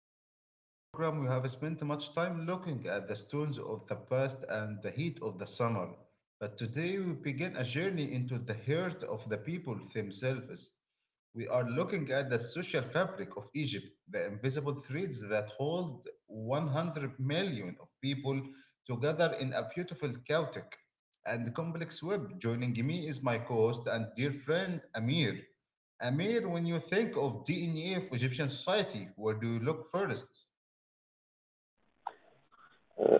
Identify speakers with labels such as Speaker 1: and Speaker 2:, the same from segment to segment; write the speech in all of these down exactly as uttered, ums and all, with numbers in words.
Speaker 1: series of our program. We have spent much time looking at the stones of the past and the heat of the summer. But today we begin a journey into the heart of the people themselves. We are looking at the social fabric of Egypt, the invisible threads that hold one hundred million of people together in a beautiful, chaotic, and complex web. Joining me is my co host and dear friend Amir. Amir, when you think of D N A of Egyptian society, where do you look first?
Speaker 2: Uh,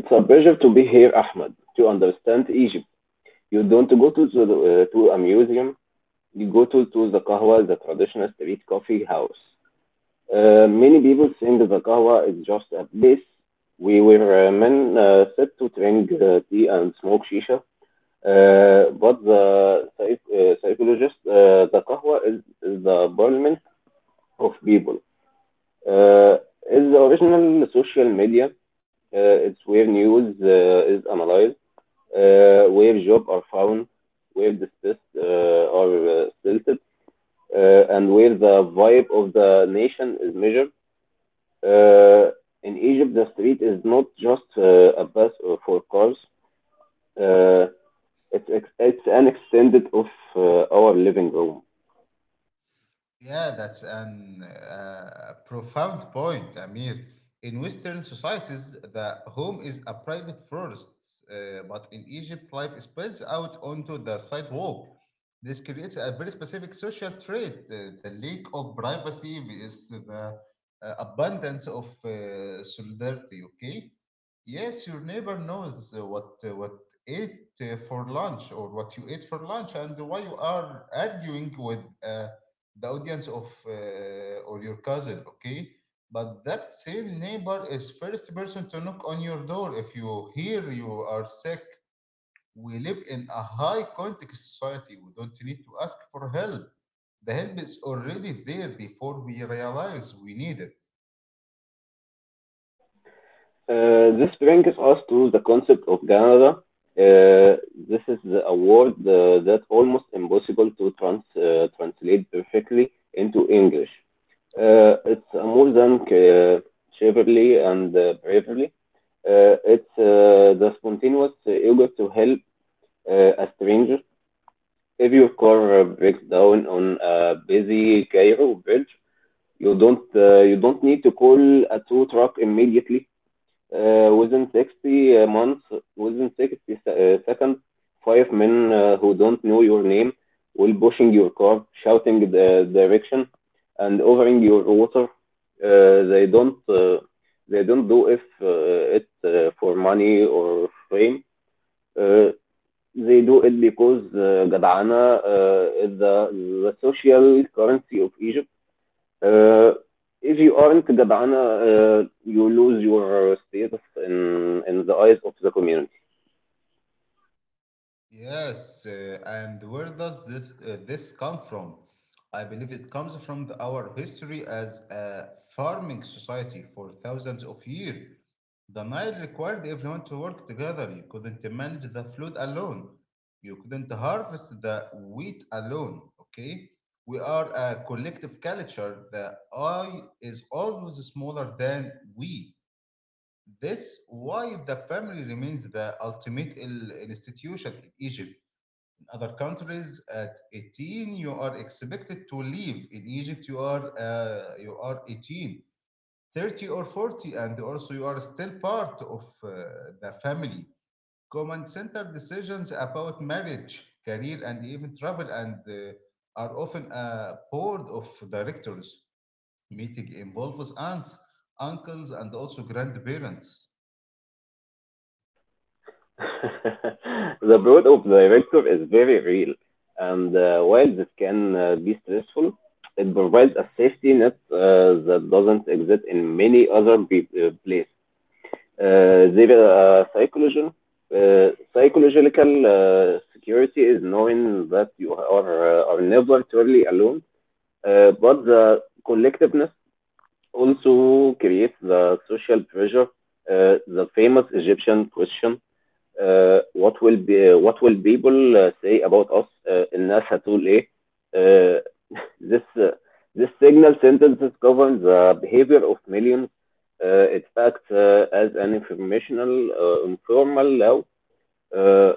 Speaker 2: It's a pleasure to be here, Ahmed, to understand Egypt. You don't go to the, uh, to a museum, you go to, to the Kahwa, the traditional street coffee house. Uh, many people think the Kahwa is just a place we where uh, men uh, sit to drink uh, tea and smoke shisha. Uh, but the psych- uh, psychologist, uh, the Kahwa is, is the parliament of people. Uh, it's the original social media. Uh, it's where news uh, is analyzed, uh, where jobs are found, where distressed uh, are uh, silted, uh, and where the vibe of the nation is measured. Uh, in Egypt, the street is not just uh, a bus for cars. Uh, it's, ex- it's an extended of uh, our living room.
Speaker 1: Yeah, that's an uh, profound point, Amir. In Western societies, the home is a private forest, uh, but in Egypt, life spills out onto the sidewalk. This creates a very specific social trait. Uh, the lack of privacy is the uh, abundance of uh, solidarity. Okay, yes, your neighbor knows uh, what uh, what ate uh, for lunch or what you ate for lunch and why you are arguing with. Uh, the audience of uh, or your cousin, okay, but that same neighbor is first person to knock on your door if you hear you are sick. We live in a high context society. We don't need to ask for help. The help is already there before we realize we need it.
Speaker 2: Uh, this brings us to the concept of Canada. Uh, this is the award uh, that almost impossible to trans, uh, translate perfectly into English. Uh, it's uh, more than uh, chivalry and uh, bravery. Uh, it's uh, the spontaneous eager to help uh, a stranger. If your car uh, breaks down on a busy Cairo bridge, you don't uh, you don't need to call a tow truck immediately. Uh, within sixty uh, months, within sixty uh, seconds, five men uh, who don't know your name will pushing your car, shouting the direction, and offering your water. Uh, they don't uh, they don't do if uh, it uh, for money or fame. Uh, they do it because uh, gadana uh, is the, the social currency of Egypt. Uh, if you aren't Gabbana, uh, you lose your status in in the eyes of the community.
Speaker 1: Yes, uh, and where does this, uh, this come from? I believe it comes from the, our history as a farming society for thousands of years. The Nile required everyone to work together. You couldn't manage the flood alone. You couldn't harvest the wheat alone. Okay? We are a collective culture. The I is always smaller than we. This why the family remains the ultimate il- institution in Egypt. Other countries at eighteen you are expected to leave. In Egypt you are uh, you are eighteen, thirty or forty and also you are still part of uh, the family. Common center decisions about marriage, career and even travel, and uh, are often a board of directors meeting, involves aunts, uncles and also grandparents.
Speaker 2: The role of the director is very real, and uh, while this can uh, be stressful, it provides a safety net uh, that doesn't exist in many other uh, places. Uh, there is a psychological, uh, psychological uh, security is knowing that you are, uh, are never truly alone, uh, but the collectiveness also creates the social pressure, uh, the famous Egyptian question, uh, what will be uh, what will people uh, say about us? Uh, الناس هتقول إيه? Uh, this uh, this signal sentences govern the behavior of millions. Uh, it acts uh, as an informational, uh, informal law, uh,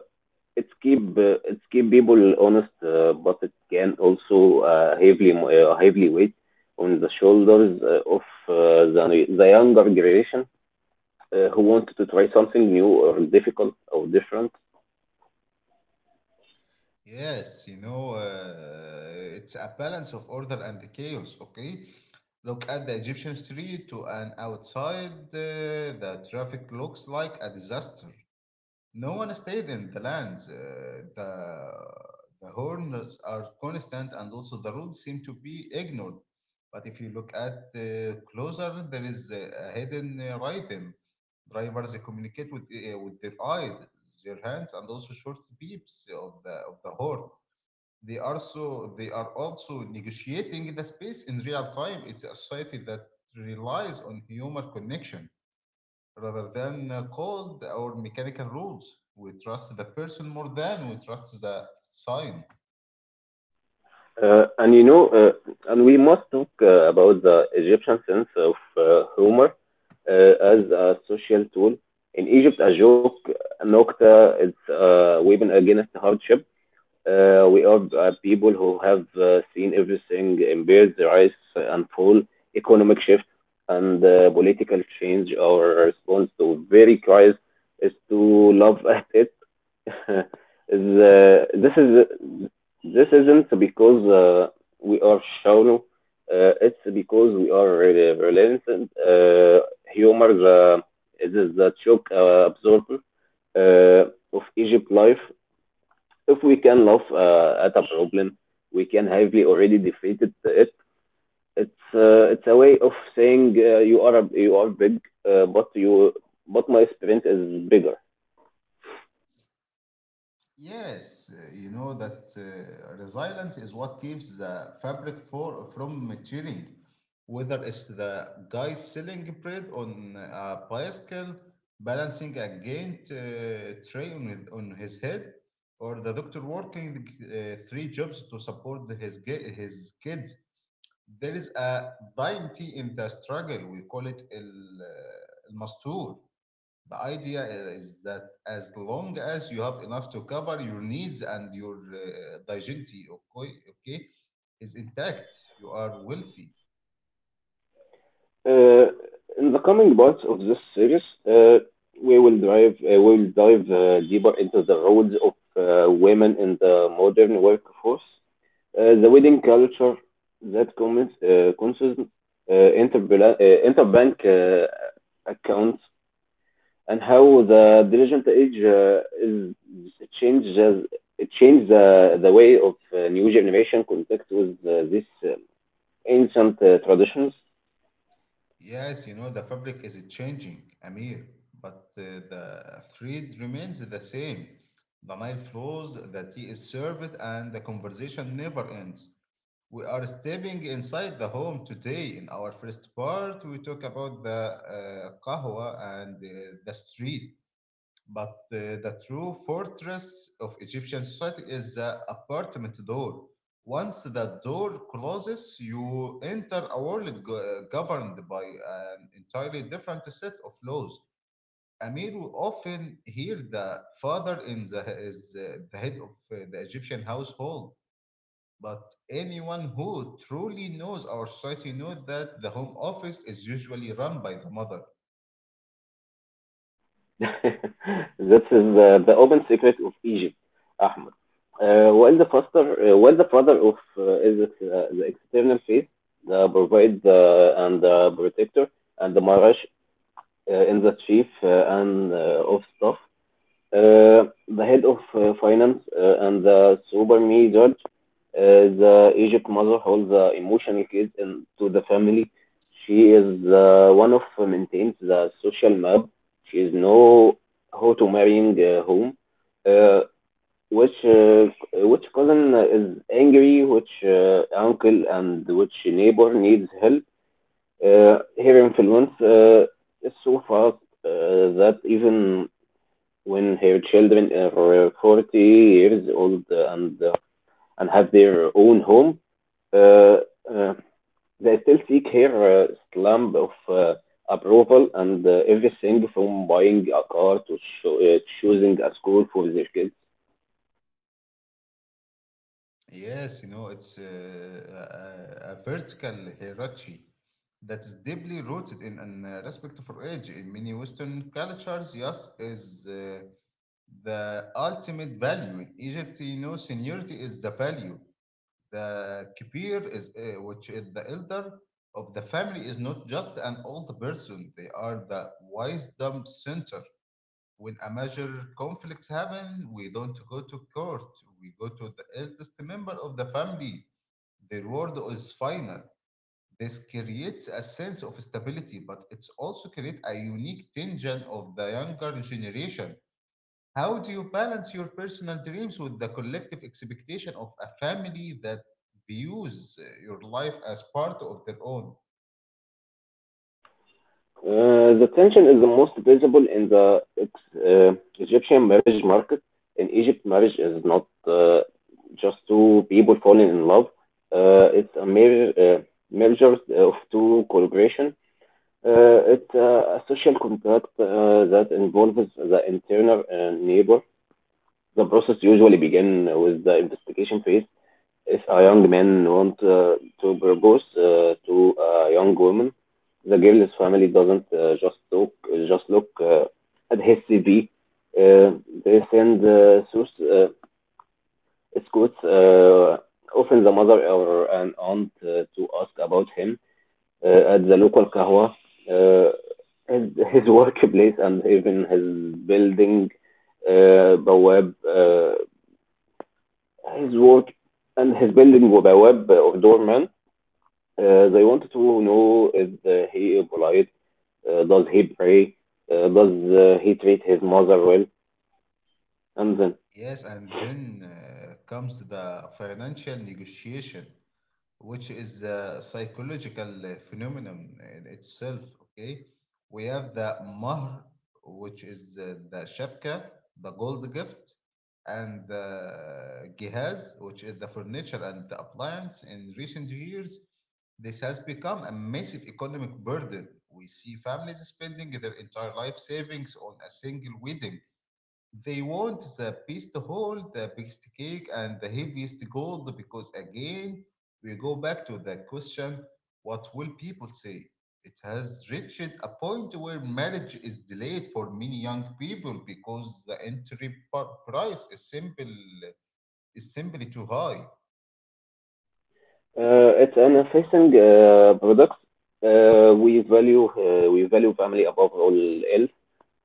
Speaker 2: it's keep uh, it's keep people honest, uh, but it can also uh, heavily uh, heavily weight on the shoulders uh, of uh, the the younger generation uh, who want to try something new or difficult or different.
Speaker 1: Yes, you know, uh, it's a balance of order and chaos, okay? Look at the Egyptian street to an outside, uh, the traffic looks like a disaster. No one stayed in the lands. Uh, the the horns are constant, and also the roads seem to be ignored. But if you look at uh, closer, there is a a hidden uh, rhythm. Drivers communicate with uh, with their eyes, their hands, and also short beeps of the of the horn. They are so they are also negotiating the space in real time. It's a society that relies on human connection rather than uh, cold or mechanical rules. We trust the person more than we trust the sign.
Speaker 2: Uh, and you know, uh, and we must talk uh, about the Egyptian sense of uh, humor uh, as a social tool. In Egypt, a joke, a nokta, it's a weapon against hardship. Uh, we are uh, people who have uh, seen everything in the rise and fall, economic shift, and uh, political change. Our response to very crisis is to love at it. is, uh, this is this isn't because uh, we are shallow. Uh, it's because we are really relentless. Uh, humor uh, it is the shock uh, absorber uh, of Egypt life. If we can laugh uh, at a problem, we can heavily already defeated it. It's uh, it's a way of saying uh, you are a, you are big, uh, but you but my experience is bigger.
Speaker 1: Yes, uh, you know that uh, resilience is what keeps the fabric for, from maturing, whether it's the guy selling bread on a bicycle, balancing a giant uh, tray on, his- on his head, or the doctor working uh, three jobs to support his, ge- his kids. There is a dignity in the struggle. We call it el, uh, el the idea is that as long as you have enough to cover your needs and your uh, dignity, okay, okay, is intact, you are wealthy.
Speaker 2: Uh, in the coming parts of this series, uh, we will drive uh, we will dive uh, deeper into the roles of uh, women in the modern workforce, uh, the wedding culture that commits uh, concerns uh, interbank uh, interbank uh, accounts, and how the diligent age uh, is it changes it changed the the way of uh, new generation contact with uh, this uh, ancient uh, traditions.
Speaker 1: Yes, you know, the fabric is changing, Amir, but uh, the thread remains the same. The Nile flows, the tea is served, and the conversation never ends. We are stepping inside the home today. In our first part, we talk about the uh, qahwa and uh, the street. But uh, the true fortress of Egyptian society is the apartment door. Once the door closes, you enter a world go- uh, governed by an entirely different set of laws. Amir will often hear the father in the is uh, the head of uh, the Egyptian household. But anyone who truly knows our society knows that the home office is usually run by the mother.
Speaker 2: That is the, the open secret of Egypt, Ahmed. Uh, while the father, uh, while the father of uh, is it, uh, the external face, the provide uh, and the protector and the marriage uh, in the chief uh, and uh, of staff, uh, the head of uh, finance uh, and the super judge, uh, the Egypt mother holds the emotional keys in, to the family. She is the one of who maintains the social map. She is know how to marrying uh, whom, uh, which uh, which cousin is angry, which uh, uncle and which neighbor needs help. Uh, her influence uh, is so fast uh, that even when her children are forty years old and uh, and have their own home, uh, uh, they still seek her uh, stamp of uh, approval and uh, everything from buying a car to cho- uh, choosing a school for their kids.
Speaker 1: Yes, you know, it's uh, a, a vertical hierarchy that is deeply rooted in an uh, respect for age. In many Western cultures, yes, is uh, the ultimate value. In Egypt, you know, seniority is the value. The kibir is, uh, which is the elder of the family, is not just an old person. They are the wisdom center. When a major conflicts happen, we don't go to court. We go to the eldest member of the family. Their word is final. This creates a sense of stability, but it's also create a unique tension of the younger generation. How do you balance your personal dreams with the collective expectation of a family that views uh, your life as part of their own?
Speaker 2: Uh, the tension is the most visible in the ex- uh, Egyptian marriage market. In Egypt, marriage is not uh, just two people falling in love. Uh, it's a mer- uh, merger of two collaboration. Uh, It's uh, a social contract uh, that involves the interner and neighbor. The process usually begins with the investigation phase. If a young man wants uh, to propose uh, to a young woman, the girl's family doesn't uh, just look just look uh, at his C V. Uh, they send uh, source uh, scouts, uh, often the mother or an aunt, uh, to ask about him uh, at the local kahwa. Uh, his, his workplace and even his building, uh, بواب, uh, his work and his building بواب of doorman. Uh, they wanted to know is uh, he polite? Uh, does he pray? Uh, does uh, he treat his mother well? And then
Speaker 1: Yes, and then uh, comes the financial negotiation, which is a psychological phenomenon in itself. Okay, we have the mahr, which is uh, the shapka, the gold gift, and the gihaz, which is the furniture and the appliance. In recent years, this has become a massive economic burden. We see families spending their entire life savings on a single wedding. They want the best hall, the biggest cake, and the heaviest gold because, again, we go back to the question: what will people say? It has reached a point where marriage is delayed for many young people because the entry par- price is, simple, is simply too high.
Speaker 2: uh, it's an enticing uh, product. Uh, we value uh, we value family above all else.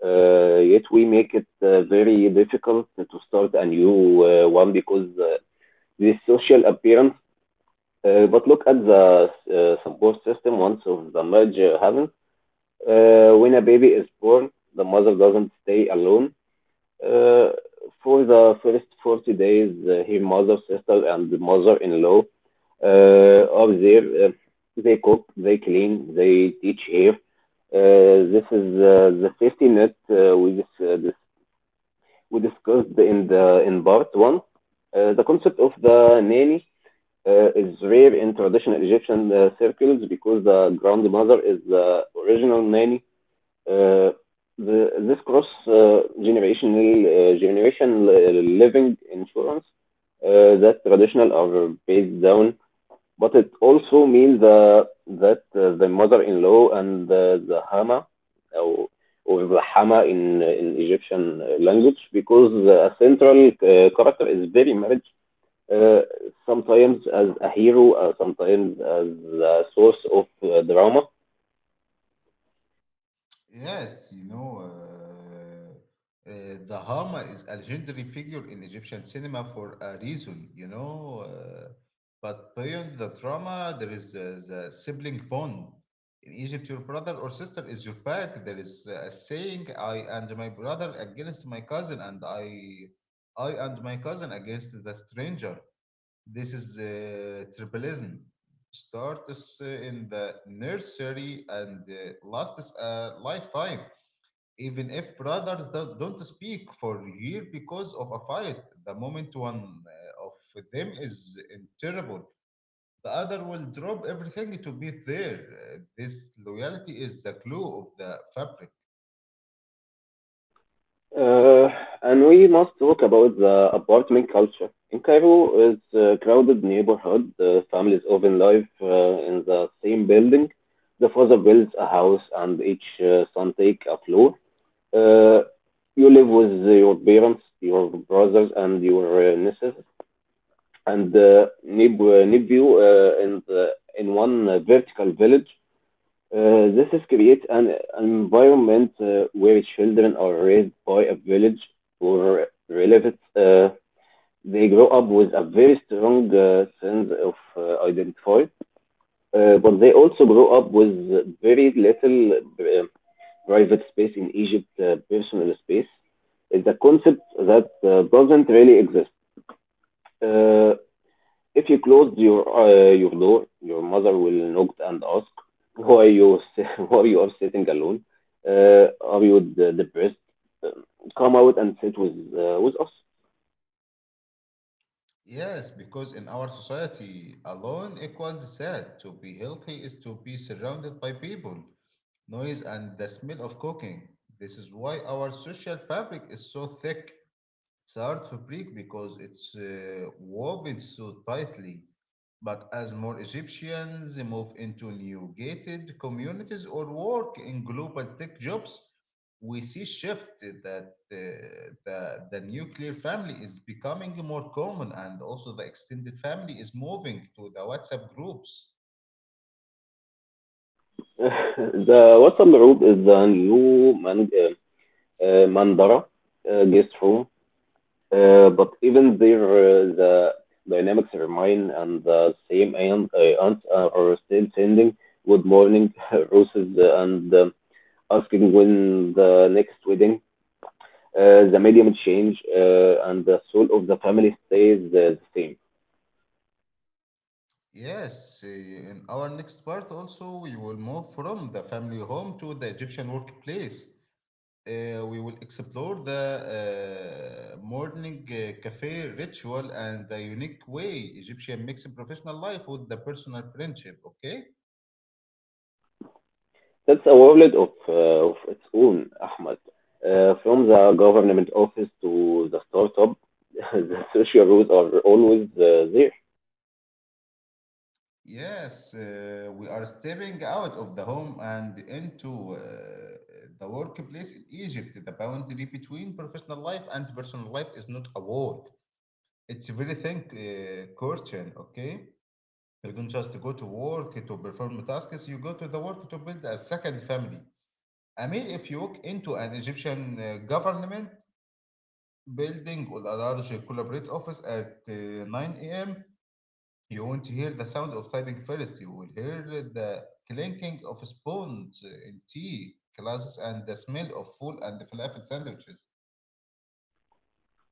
Speaker 2: Uh, yet we make it uh, very difficult to start a new uh, one because uh, this social appearance. Uh, but look at the uh, support system once of the marriage happens. Uh, when a baby is born, the mother doesn't stay alone. Uh, for the first forty days, uh, her mother, sister, and mother-in-law uh, are there. Uh, they cook, they clean, they teach her. Uh, this is uh, the safety net uh, we just uh, dis- we discussed in the in part one. Uh, the concept of the nanny uh, is rare in traditional Egyptian uh, circles because the grandmother is the original nanny. Uh, the, this cross uh, generational uh, generation uh, living insurance uh, that traditional are based down, but it also means uh, that uh, the mother-in-law and uh, the hama, or, or the hama in, in Egyptian uh, language because uh, a central uh, character is very marriage, uh, sometimes as a hero, uh, sometimes as a source of uh, drama.
Speaker 1: Yes, you know, uh, uh, the Hama is a legendary figure in Egyptian cinema for a reason, you know. Uh, but beyond the drama, there is uh, the sibling bond. In Egypt, your brother or sister is your back. There is a saying, I and my brother against my cousin, and I, I and my cousin against the stranger. This is uh, tribalism. Starts uh, in the nursery and uh, lasts a lifetime. Even if brothers do- don't speak for a year because of a fight, the moment one uh, of them is in trouble, the other will drop everything to be there. Uh, This loyalty is the glue of the fabric.
Speaker 2: Uh, and we must talk about the apartment culture. In Cairo, it's a crowded neighborhood. The families often live uh, in the same building. The father builds a house and each uh, son takes a floor. Uh, you live with your parents, your brothers, and your uh, nieces and uh, neighbor, nephew uh, in, the, in one uh, vertical village. Uh, this is create an, an environment uh, where children are raised by a village or relatives. Uh, they grow up with a very strong uh, sense of uh, identity, uh, but they also grow up with very little uh, private space in Egypt, uh, personal space. Is a concept that uh, doesn't really exist. Uh, if you close your uh, your door, your mother will knock and ask, "Why you s- Why you are sitting alone? Uh, are you de- depressed? Um, Come out and sit with uh, with us."
Speaker 1: Yes, because in our society, alone equals sad. To be healthy is to be surrounded by people, noise, and the smell of cooking. This is why our social fabric is so thick. It's hard to break because it's uh, woven so tightly. But as more Egyptians move into new gated communities or work in global tech jobs, we see shift that uh, the, the nuclear family is becoming more common, and also the extended family is moving to the WhatsApp groups.
Speaker 2: The WhatsApp group is the new man, uh, uh, Mandara uh, guest room, uh, but even there uh, the dynamics remain, and the same aunt, uh, aunts are still sending good morning roses and. Um asking when the next wedding. Uh, the medium change uh, and the soul of the family stays uh, the same.
Speaker 1: Yes, eh, in our next part also, we will move from the family home to the Egyptian workplace. Uh, we will explore the uh, morning uh, cafe ritual and the unique way Egyptian mix professional life with the personal friendship. Okay?
Speaker 2: That's a world of, uh, of its own, Ahmed. Uh, from the government office to the startup, the social rules are always uh, there.
Speaker 1: Yes, uh, we are stepping out of the home and into uh, the workplace in Egypt. The boundary between professional life and personal life is not a wall. It's a very thin uh, curtain, okay? You don't just go to work to perform tasks, you go to the work to build a second family. I mean, if you walk into an Egyptian uh, government building or a large corporate office at uh, nine a m, you won't hear the sound of typing first. You will hear the clinking of spoons in tea glasses and the smell of full and falafel sandwiches.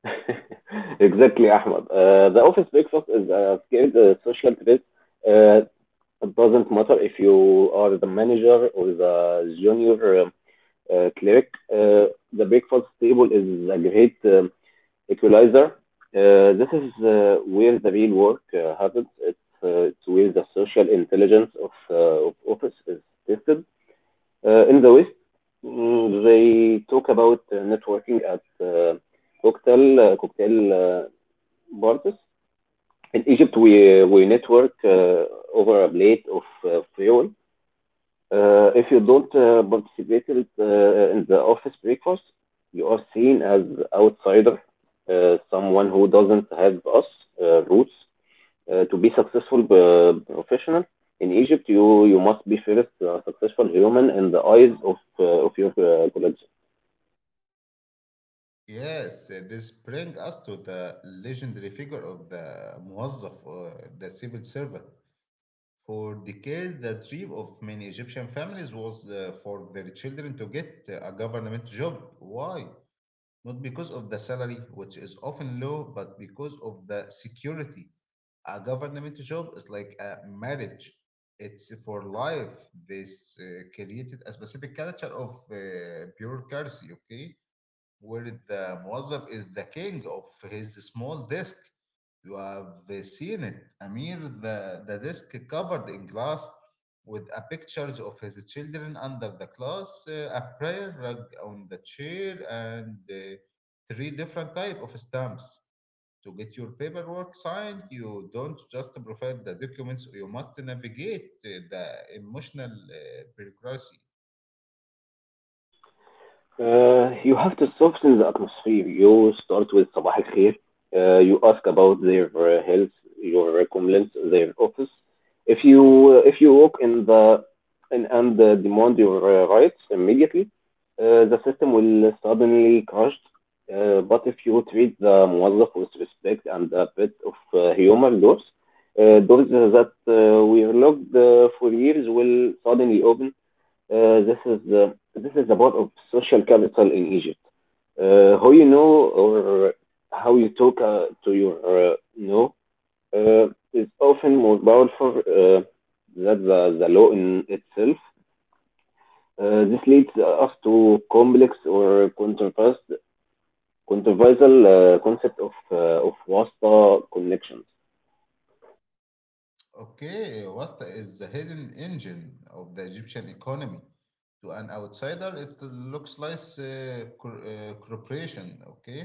Speaker 2: Exactly, Ahmed. Uh, the office breakfast is a scaled uh, social threat. Uh, it doesn't matter if you are the manager or the junior um, uh, cleric. Uh, the breakfast table is a great um, equalizer. Uh, this is uh, where the real work uh, happens. It's, uh, it's where the social intelligence of, uh, of office is tested. Uh, in the West, mm, they talk about uh, networking at uh, cocktail uh, cocktail uh, bars. In Egypt, we we network uh, over a plate of uh, fuel. Uh, if you don't uh, participate in, uh, in the office breakfast, you are seen as outsider, uh, someone who doesn't have us uh, roots. Uh, to be successful uh, professional in Egypt, you you must be first a successful human in the eyes of uh, of your uh, colleagues.
Speaker 1: Yes, uh, this brings us to the legendary figure of the موظف, uh, the civil servant. For decades, the dream of many Egyptian families was uh, for their children to get uh, a government job. Why? Not because of the salary, which is often low, but because of the security. A government job is like a marriage. It's for life. This uh, created a specific culture of uh, bureaucracy, okay, where the موظف is the king of his small desk. You have seen it, Amir, the, the desk covered in glass with a pictures of his children under the glass, uh, a prayer rug on the chair, and uh, three different type of stamps. To get your paperwork signed, you don't just provide the documents, you must navigate uh, the emotional uh, bureaucracy.
Speaker 2: Uh, you have to soften the atmosphere. You start with صباح الخير. Uh, you ask about their uh, health, your comments, their office. If you uh, if you walk in the in, and uh, demand your uh, rights immediately. Uh, the system will suddenly crash. Uh, but if you treat the موظف with respect and a bit of uh, humor, doors uh, doors that uh, were locked uh, for years will suddenly open. Uh, this is the this is the part of social capital in Egypt. Uh, how you know, or how you talk uh, to your uh, you know uh, is often more powerful uh, than the, the law in itself. Uh, this leads us to complex or controversial controversial uh, concept of uh, of wasta connections.
Speaker 1: Okay, Wasta is the hidden engine of the Egyptian economy. To an outsider, it looks like a cor- uh, corporation. Okay,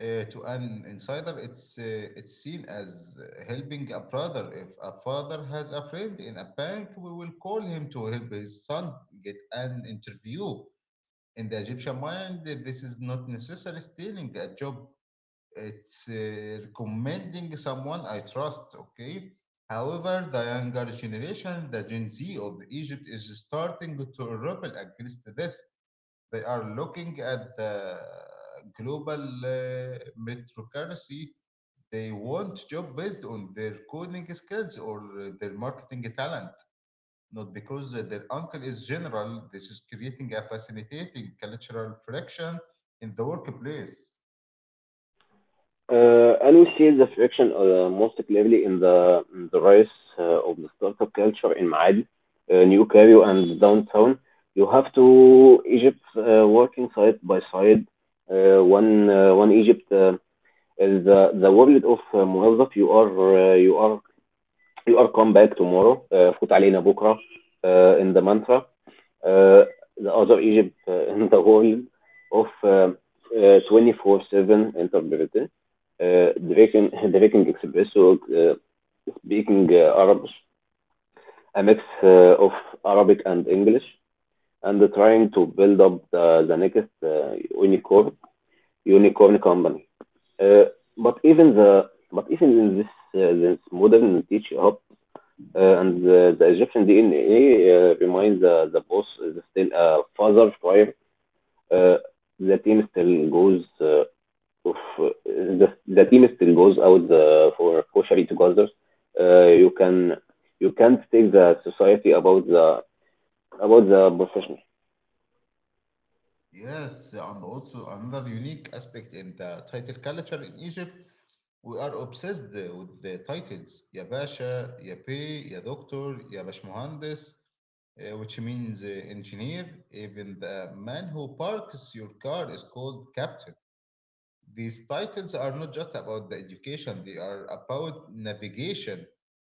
Speaker 1: Uh, to an insider, it's uh, it's seen as uh, helping a brother. If a father has a friend in a bank, we will call him to help his son get an interview. In the Egyptian mind, this is not necessarily stealing a job. It's uh, recommending someone I trust, okay? However, the younger generation, the Gen Z of Egypt, is starting to rebel against this. They are looking at the global uh, meritocracy. They want job based on their coding skills or their marketing talent, not because their uncle is general. This is creating a facilitating cultural friction in the workplace.
Speaker 2: Uh, and we see the friction uh, most clearly in the in the rise uh, of the startup culture in Maadi, uh, New Cairo, and downtown. You have two Egypts uh, working side by side. Uh, one uh, one Egypt uh, is the the world of uh, موظف. You are uh, you are you are come back tomorrow. Uh, فوت علينا بكرة uh, in the mantra. Uh, The other Egypt, uh, in the world of twenty four seven interpreter, uh, drinking drinking espresso, uh, speaking uh, Arabic, a mix uh, of Arabic and English, and trying to build up the the next uh, unicorn unicorn company. Uh, But even the but even in this uh, this modern teach hub uh, and the the Egyptian D N A reminds uh, the boss is still a father figure. Uh, the team still goes uh, of uh, the the team still goes out the, for kosher together. Uh, you can you can't take the society about the about the professional.
Speaker 1: Yes, and also another unique aspect in the title culture in Egypt, we are obsessed with the titles. Ya Basha, Ya Bey, Ya Doctor, Ya Bashmuhandis, uh, which means uh, engineer. Even the man who parks your car is called captain. These titles are not just about the education, they are about navigation.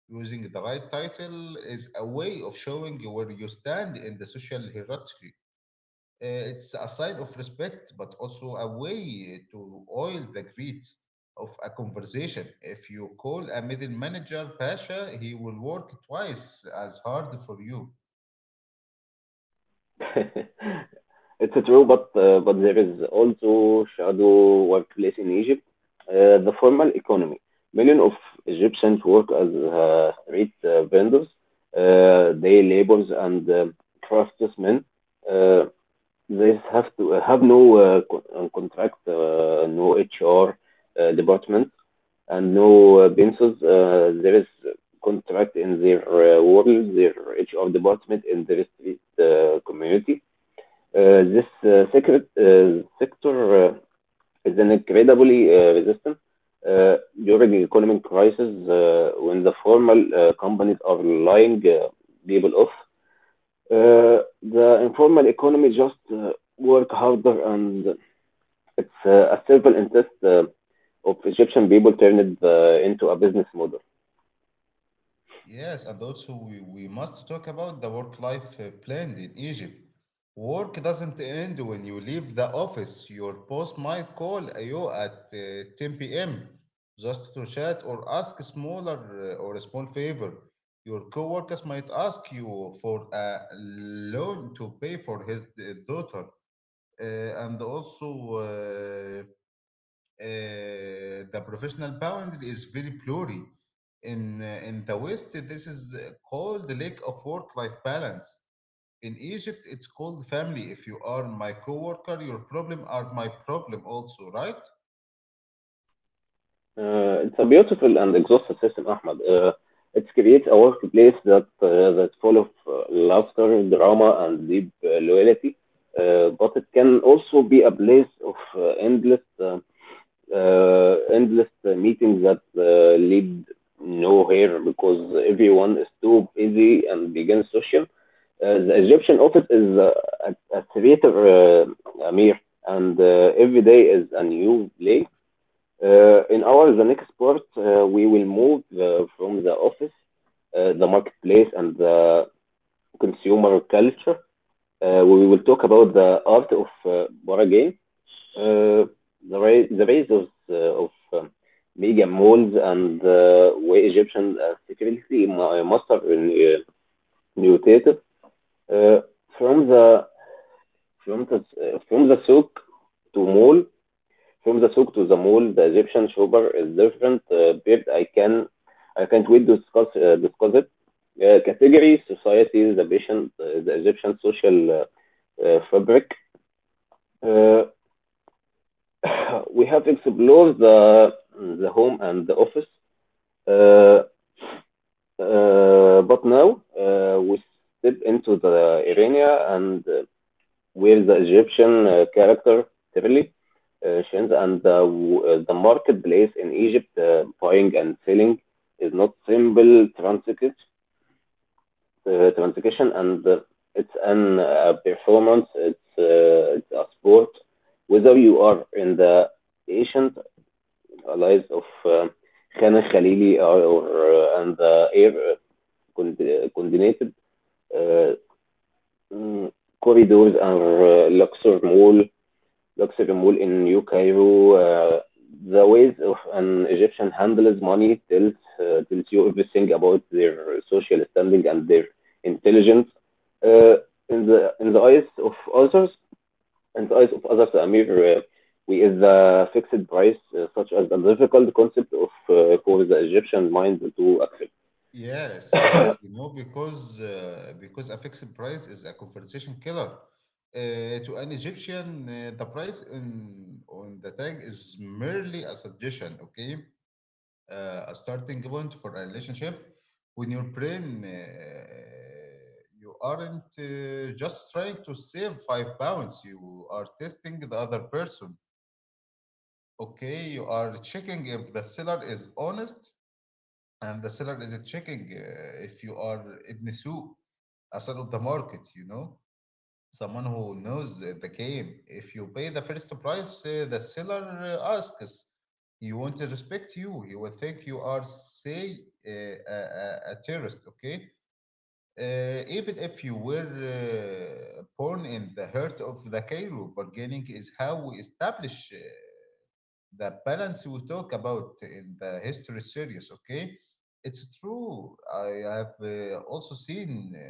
Speaker 1: Using the right title is a way of showing where you stand in the social hierarchy. Uh, it's a sign of respect, but also a way to oil the grease of a conversation. If you call a middle manager Pasha, he will work twice as hard for you.
Speaker 2: it's true, but uh, but there is also shadow workplace in Egypt. Uh, the formal economy. Millions of Egyptians work as uh, street uh, vendors, uh, day laborers, and uh, craftsmen. Uh, They have to uh, have no uh, co- uh, contract, uh, no H R uh, department, and no uh, pensions. Uh, there is contract in their uh, world, their H R department in their street uh, community. Uh, this uh, secret, uh, sector uh, is an incredibly uh, resistant uh, during the economic crisis, uh, when the formal uh, companies are lying uh, people off, uh, the informal economy just uh, work harder, and it's uh, a simple interest uh, of Egyptian people turned uh, into a business model.
Speaker 1: Yes, and also we, we must talk about the work-life uh, blend in Egypt. Work doesn't end when you leave the office. Your boss might call you at uh, ten p m just to chat or ask a smaller uh, or a small favor. Your coworkers might ask you for a loan to pay for his uh, daughter. Uh, and also, uh, uh, the professional bound is very blurry. In uh, in the West, this is uh, called the lack of work-life balance. In Egypt, it's called family. If you are my coworker, your problem are my problem also, right?
Speaker 2: Uh, it's a beautiful and exhaustive system, Ahmed. Uh, it creates a workplace that uh, that's full of uh, laughter, drama, and deep uh, loyalty. Uh, but it can also be a place of uh, endless uh, uh, endless uh, meetings that uh, lead nowhere because everyone is too busy and begins social. Uh, the Egyptian office is uh, a, a theater, uh, Amir, and uh, every day is a new play. Uh, in our the next part, uh, we will move uh, from the office, uh, the marketplace, and the consumer culture. Uh, we will talk about the art of uh, board. Uh, The ri- the rise of uh, of um, mega malls, and uh, where Egyptian accessibility mu- uh, must have been uh, mutated uh, from the from the uh, from the souk to mall. From the souk to the mall, the Egyptian shopper is different. uh, Babe, I can I can't wait to discuss uh, discuss it. Uh, Category, society, the patient, uh, the Egyptian social uh, uh, fabric. Uh, We have explored the the home and the office, uh, uh, but now uh, we step into the arena and uh, where the Egyptian uh, character Tirli uh, shines, and the, uh, the marketplace in Egypt, uh, buying and selling, is not simple transaction, uh, transaction, and uh, it's an uh, performance. It's uh, it's a sport. Whether you are in the ancient lives of uh, Khana Khalili are, or, uh, and the air con- coordinated uh, mm, corridors are uh, Luxor Mall, Luxor Mall in New Cairo. Uh, the ways of an Egyptian handles money tells uh, tells you everything about their social standing and their intelligence. Uh, in the in the eyes of others, and the eyes of others, Amir, uh, we is the fixed price, uh, such as the difficult concept of, uh, for the Egyptian mind to accept.
Speaker 1: Yes,
Speaker 2: uh,
Speaker 1: yes. You know, because uh, because a fixed price is a conversation killer. Uh, to an Egyptian, uh, the price on on the tag is merely a suggestion. Okay, uh, a starting point for a relationship when your brain uh, you aren't uh, just trying to save five pounds, you are testing the other person. Okay, you are checking if the seller is honest, and the seller is checking uh, if you are ibn Sue, a son of the market, you know, someone who knows the game. If you pay the first price, uh, the seller uh, asks, he won't respect you. He will think you are, say, uh, a, a, a terrorist, okay? Uh, even if you were uh, born in the heart of the Cairo, bargaining is how we establish uh, the balance we talk about in the history series, okay? It's true. I have uh, also seen. Uh,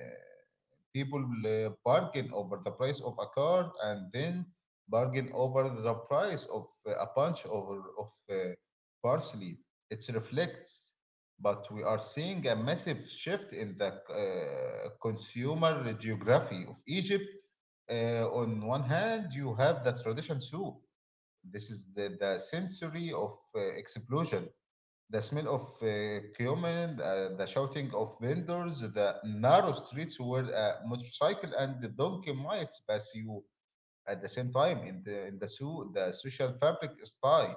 Speaker 1: People uh, bargain over the price of a car and then bargain over the price of uh, a bunch of, of uh, parsley. It reflects, but we are seeing a massive shift in the uh, consumer geography of Egypt. Uh, on one hand, you have the tradition soup. This is the, the sensory of uh, explosion, the smell of uh, cumin, uh, the shouting of vendors, the narrow streets where a motorcycle and the donkey might pass you at the same time. In the in the zoo, the social fabric is tight.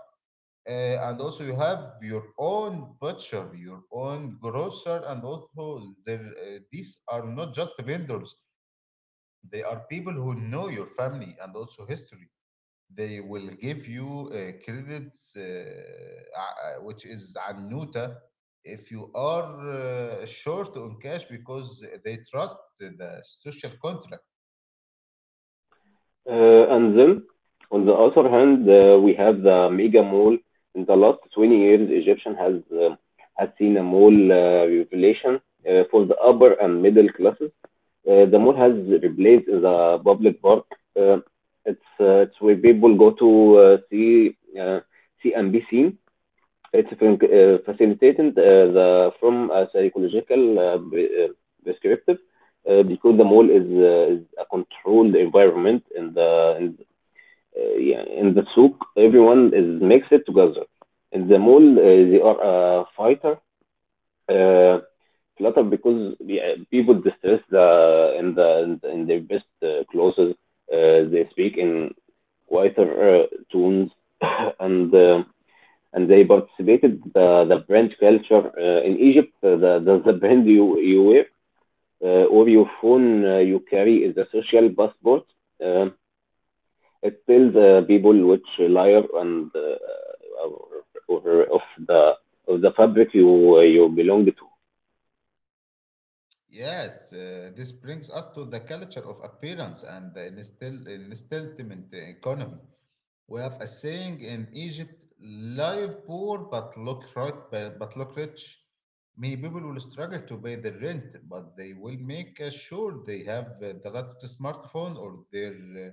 Speaker 1: Uh, and also you have your own butcher, your own grocer, and also there, uh, these are not just vendors. They are people who know your family and also history. They will give you uh, credits, uh, uh, which is annuta, if you are uh, short on cash because they trust the social contract.
Speaker 2: and then, on the other hand, uh, we have the mega mall. In the last twenty years, Egyptian has uh, has seen a mall uh, revelation uh, for the upper and middle classes. Uh, the mall has replaced the public park. Uh, it's uh, it's where people go to uh, see uh, see and be seen. It's fin- uh, facilitating uh, the from a psychological uh, b- uh, perspective, uh, because the mall is uh, is a controlled environment in the in, uh, yeah, in the souk everyone is mixed together. In the mall, uh, they are a fighter uh, flutter because yeah, people distress the in the in their best uh, clothes. Uh, they speak in quieter uh, tones and. Uh, and they participated the the brand culture uh, in Egypt. Uh, The, the the brand you you wear uh, or your phone uh, you carry is a social passport. Um it tells uh, people which layer and uh, or, or of the of the fabric you uh, you belong to.
Speaker 1: Yes, uh, this brings us to the culture of appearance and the instill- installment economy. We have a saying in Egypt, live poor but look right, but look rich. Many people will struggle to pay the rent, but they will make uh, sure they have uh, the latest smartphone, or their uh,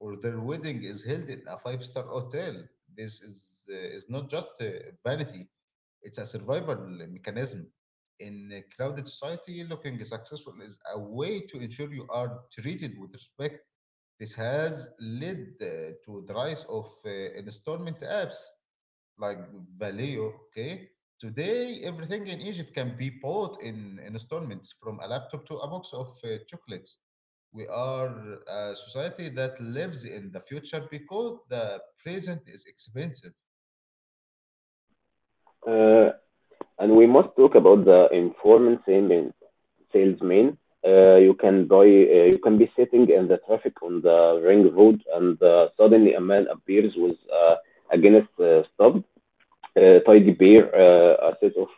Speaker 1: or their wedding is held in a five-star hotel. This is uh, is not just uh, vanity; it's a survival mechanism. In a crowded society, looking successful is a way to ensure you are treated with respect. This has led uh, to the rise of uh, installment apps like Valeo. Okay, today everything in Egypt can be bought in, in installments, from a laptop to a box of uh, chocolates. We are a society that lives in the future because the present is expensive.
Speaker 2: Uh, And we must talk about the informal salesman. Salesman, uh, you can buy, uh, you can be sitting in the traffic on the ring road, and uh, suddenly a man appears with uh, a Guinness uh, stub, uh, tidy bear, uh, a set of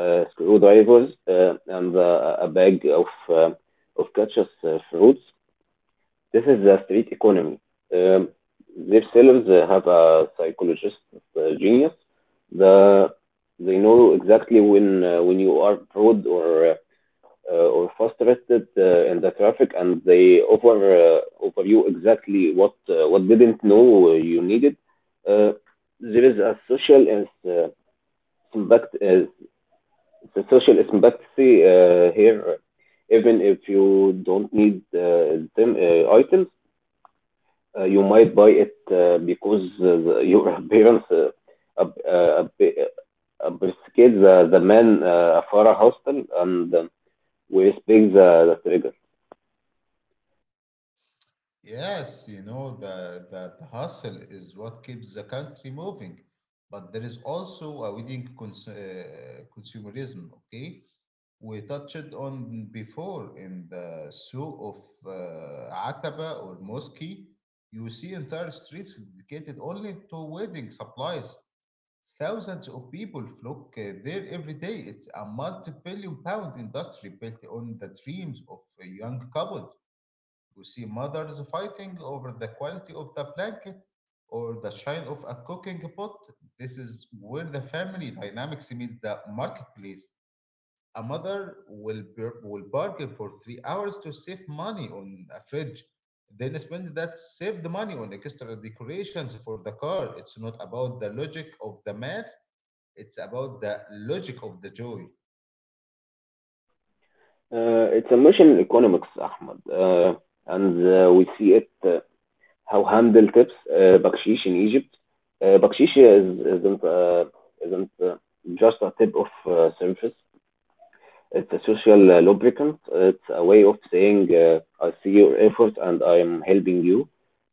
Speaker 2: uh, screwdrivers, uh, and uh, a bag of uh, of catches uh, fruits. This is the street economy. Um, their sellers uh, have a psychologist uh, genius. The they know exactly when uh, when you are broad or uh, or frustrated uh, in the traffic, and they offer uh, offer you exactly what uh, what didn't know you needed. Uh, there is a social and uh, impact is the social sympathy uh, here, even if you don't need uh, them uh, items, uh, you might buy it uh, because uh, the- your parents, uh, ap- uh, ap- uh, appreciates the, the man uh, Farah Hostel, and um, we respect the, the trigger.
Speaker 1: Yes, you know, the, the, the hustle is what keeps the country moving. But there is also a wedding cons- uh, consumerism, okay? We touched on before in the Souk of uh, Ataba or Mosque. You see entire streets dedicated only to wedding supplies. Thousands of people flock uh, there every day. It's a multi billion pound industry built on the dreams of uh, young couples. We see mothers fighting over the quality of the blanket or the shine of a cooking pot. This is where the family dynamics meet the marketplace. A mother will, bar- will bargain for three hours to save money on a fridge, then spend that saved money on extra decorations for the car. It's not about the logic of the math, it's about the logic of the joy.
Speaker 2: Uh, it's emotional economics, Ahmed, uh, and uh, we see it uh, how handle tips, uh, bakshish in Egypt. Uh, bakshish is, isn't uh, isn't uh, just a tip of uh, surface. It's a social uh, lubricant. It's a way of saying, uh, I see your effort and I'm helping you.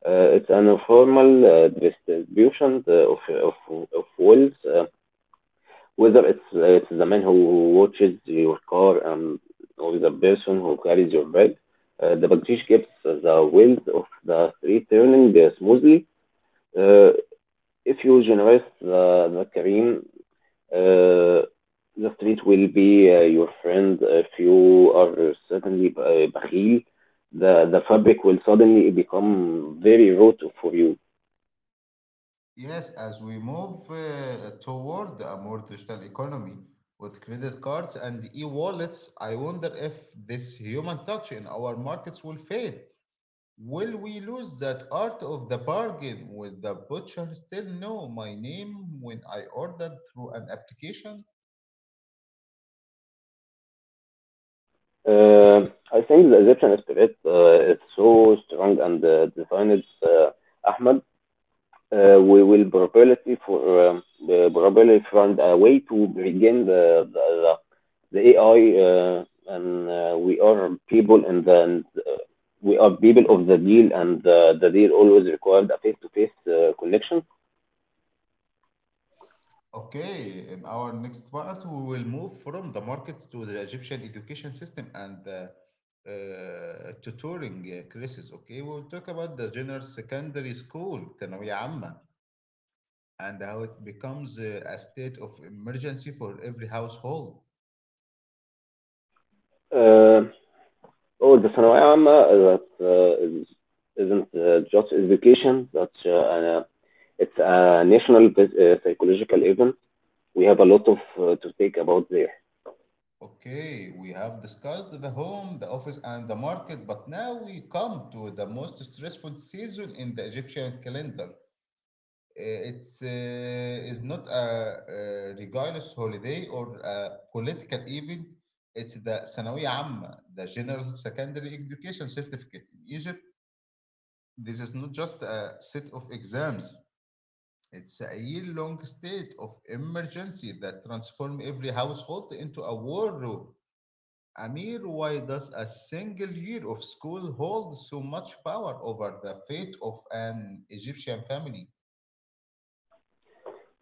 Speaker 2: Uh, it's an informal uh, distribution uh, of, of, of wealth, uh, whether it's, uh, it's the man who watches your car and, or the person who carries your bag. Uh, the Bangladesh keeps the wealth of the street turning uh, smoothly. Uh, if you generate the, the cream, uh, the street will be uh, your friend if you are suddenly b- bakhil. The the fabric will suddenly become very rote for you.
Speaker 1: Yes, as we move uh, toward a more digital economy with credit cards and e-wallets, I wonder if this human touch in our markets will fade. Will we lose that art of the bargain? Will the butcher still know my name when I ordered through an application?
Speaker 2: Uh, I think the Egyptian spirit uh, is so strong and uh, designed, uh, Ahmed. uh, we will probability for um, uh, probably find a way to regain the the, the, the A I, uh, and uh, we are people and then uh, we are people of the deal, and uh, the deal always required a face to face connection.
Speaker 1: Okay, in our next part, we will move from the market to the Egyptian education system and the uh, tutoring uh, classes. Okay, we will talk about the general secondary school, ثانوية عامة, and how it becomes uh, a state of emergency for every household.
Speaker 2: Uh, oh, the ثانوية عامة that uh, is, isn't uh, just education. That's uh, uh, It's a national uh, psychological event. We have a lot of uh, to think about there.
Speaker 1: Okay, we have discussed the home, the office, and the market, but now we come to the most stressful season in the Egyptian calendar. Uh, it's uh, Is not a, a religious holiday or a political event. It's the ثانوية عامة, the General Secondary Education Certificate. In Egypt, this is not just a set of exams. It's a year-long state of emergency that transforms every household into a war room. Amir, why does a single year of school hold so much power over the fate of an Egyptian family?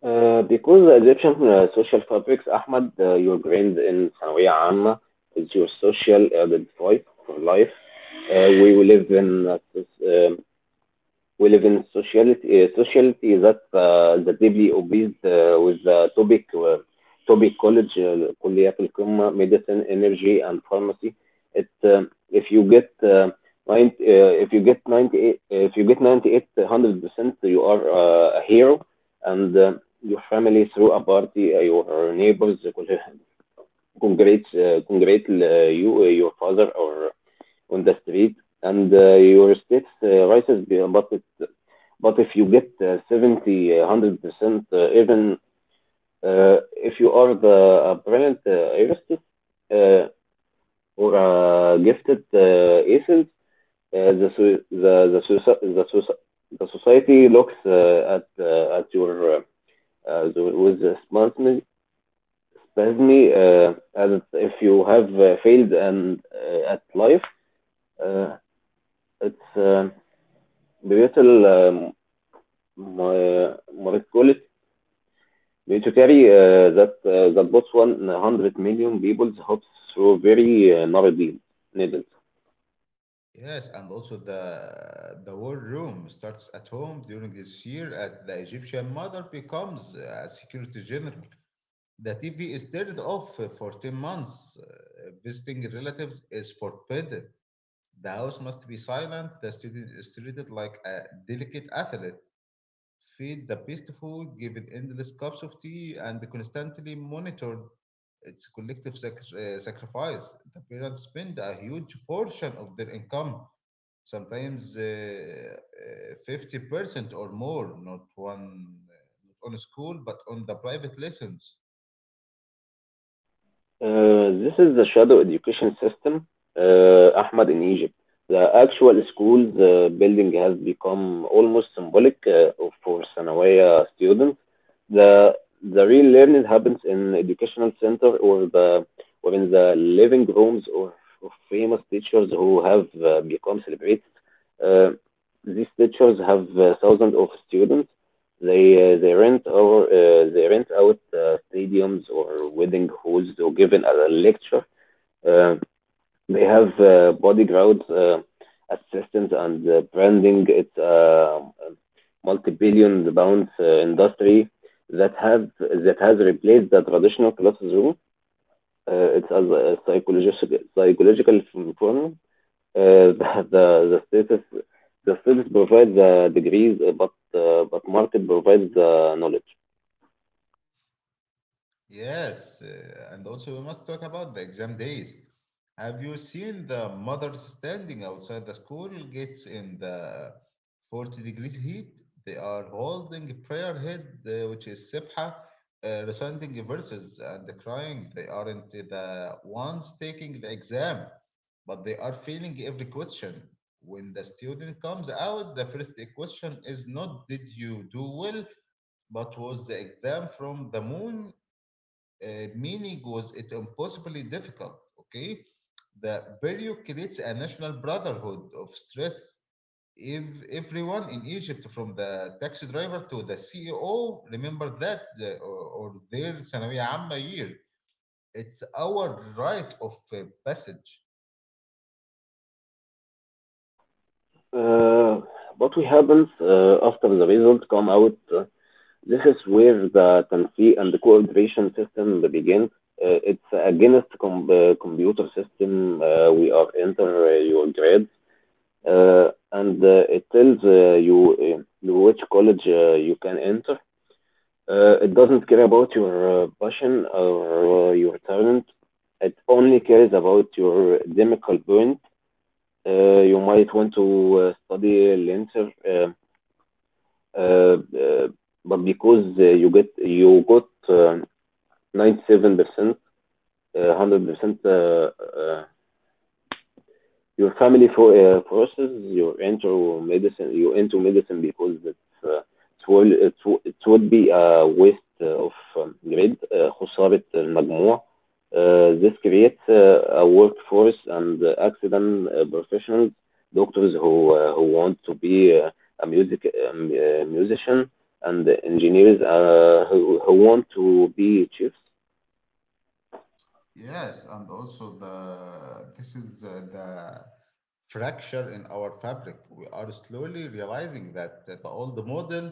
Speaker 2: Uh, because the Egyptian uh, social fabrics, Ahmed, uh, your grade in ثانوية عامة is your social identity for life. Uh, we will live in a soc- um we live in sociality, uh, sociality that uh, that deeply obsessed uh, with the topic uh, topic college, uh, كليات القمة, medicine, energy, and pharmacy. It um, If you get uh, ninety, uh, if you get ninety eight, if you get ninety eight hundred percent, you are uh, a hero, and uh, your family through a party, uh, your neighbors uh, congrats, uh, congrats uh, you, uh, your father or on the street, and uh, your steps uh, rises. Be- but it, but if you get uh, seventy one hundred percent, uh, even uh, if you are the a brilliant uh, artist uh, or a gifted uh, essence, uh, the, so- the the soci- the the society looks uh, at uh, at your, uh, uh, with a spasm spasm, uh, as if you have uh, failed and uh, at life. Uh, it's uh, Brezel, um, Mar- Marcolis need to carry uh, that uh, that Botswan one hundred million people's hopes through very uh, narrow deals, needles.
Speaker 1: Yes, and also the the war room starts at home during this year at the Egyptian mother becomes a security general. The T V is turned off for ten months. Uh, Visiting relatives is forbidden. The house must be silent. The student is treated like a delicate athlete. Feed the best food, given endless cups of tea, and constantly monitored. It's collective sac- uh, sacrifice. The parents spend a huge portion of their income, sometimes uh, uh, fifty percent or more, not one, uh, not on school, but on the private lessons.
Speaker 2: Uh, this is the shadow education system, uh, Ahmad, in Egypt. The actual school uh, building has become almost symbolic uh, for Sanawiya students. The the real learning happens in educational center, or the or in the living rooms or of famous teachers who have uh, become celebrities. Uh, these teachers have uh, thousands of students they uh, they rent over uh, they rent out uh, stadiums or wedding halls or given a lecture. Uh, they have uh, bodyguards, uh, assistants, and uh, branding. It's uh, a multi-billion pounds uh, industry that have that has replaced the traditional classroom. Uh, it's as a psychological psychological phenomenon. Uh, the, the the status the status provides the degrees, uh, but uh, but market provides the knowledge.
Speaker 1: Yes, uh, and also we must talk about the exam days. Have you seen the mothers standing outside the school gates in the forty degrees heat? They are holding prayer head, uh, which is Sibha, uh, reciting verses and crying. They aren't the ones taking the exam, but they are feeling every question. When the student comes out, the first question is not did you do well, but was the exam from the moon, uh, meaning was it impossibly difficult. Okay, the burial creates a national brotherhood of stress. If everyone in Egypt, from the taxi driver to the C E O, remember that uh, or, or their ثانوية عامة year, it's our rite of uh, passage.
Speaker 2: Uh, what we happens uh, after the results come out. Uh, this is where the tanfi and the cooperation system begins. Uh, it's against com- uh, computer system. Uh, we are enter uh, your grades, uh, and uh, it tells uh, you uh, which college uh, you can enter. Uh, it doesn't care about your uh, passion or uh, your talent. It only cares about your academical point. Uh, you might want to uh, study later. Uh, uh, uh, but because uh, you get you got uh, ninety-seven percent, uh, one hundred percent, uh, uh, your family for uh, process you enter medicine you into medicine because it's uh, it will it, w- it would be a waste uh, of um, grade uh, خسارة المجموع. Uh, this creates uh, a workforce and uh, accident uh, professionals, doctors who uh, who want to be uh, a music um, uh, musician, and engineers uh, who who want to be chiefs.
Speaker 1: Yes, and also the this is uh, the fracture in our fabric. We are slowly realizing that the old model,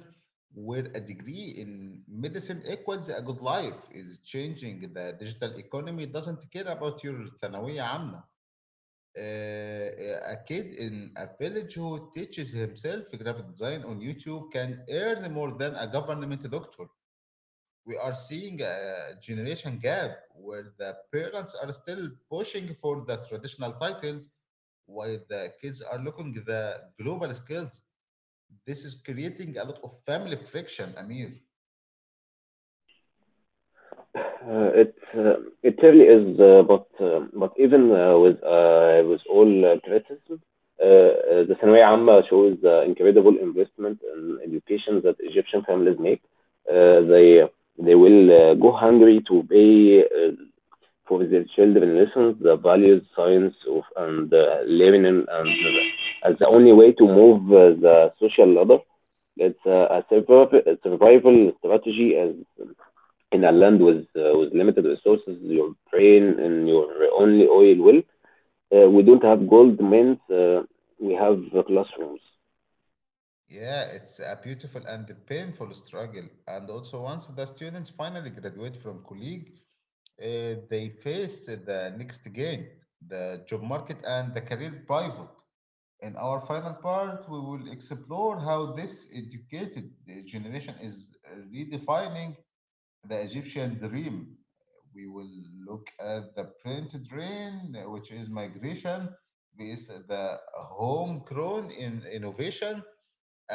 Speaker 1: where a degree in medicine equals a good life, is changing. The digital economy doesn't care about your ثانوية عامة. Uh, uh, a kid in a village who teaches himself graphic design on YouTube can earn more than a government doctor. We are seeing a generation gap where the parents are still pushing for the traditional titles while the kids are looking the global skills. This is creating a lot of family friction, Amir.
Speaker 2: Uh, It uh, it really is, uh, but uh, but even uh, with uh, with all uh, criticism, uh, uh, the ثانوية عامة shows the incredible investment in education that Egyptian families make. Uh, They they will uh, go hungry to pay uh, for their children lessons, the values, science, of and uh, living in, and uh, as the only way to move uh, the social ladder. It's a a survival a survival strategy, as in a land with uh, with limited resources, your brain and your only oil well. Uh, we don't have gold mines. Uh, we have uh, classrooms.
Speaker 1: Yeah, it's a beautiful and painful struggle. And also, once the students finally graduate from college, uh, they face the next gain, the job market and the career pivot. In our final part, we will explore how this educated uh, generation is redefining the Egyptian dream. We will look at the print drain, uh, which is migration, with the homegrown in innovation,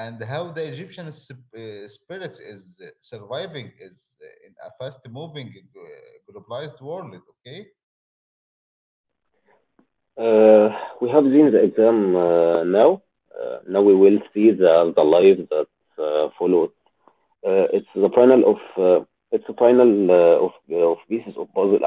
Speaker 1: and how the Egyptian sp- uh, spirit is surviving is uh, in a fast-moving uh, globalized world. Okay.
Speaker 2: Uh, we have seen the exam uh, now. Uh, now we will see the the life that uh, followed. Uh, it's the final of uh, it's the final uh, of uh, of pieces of puzzle.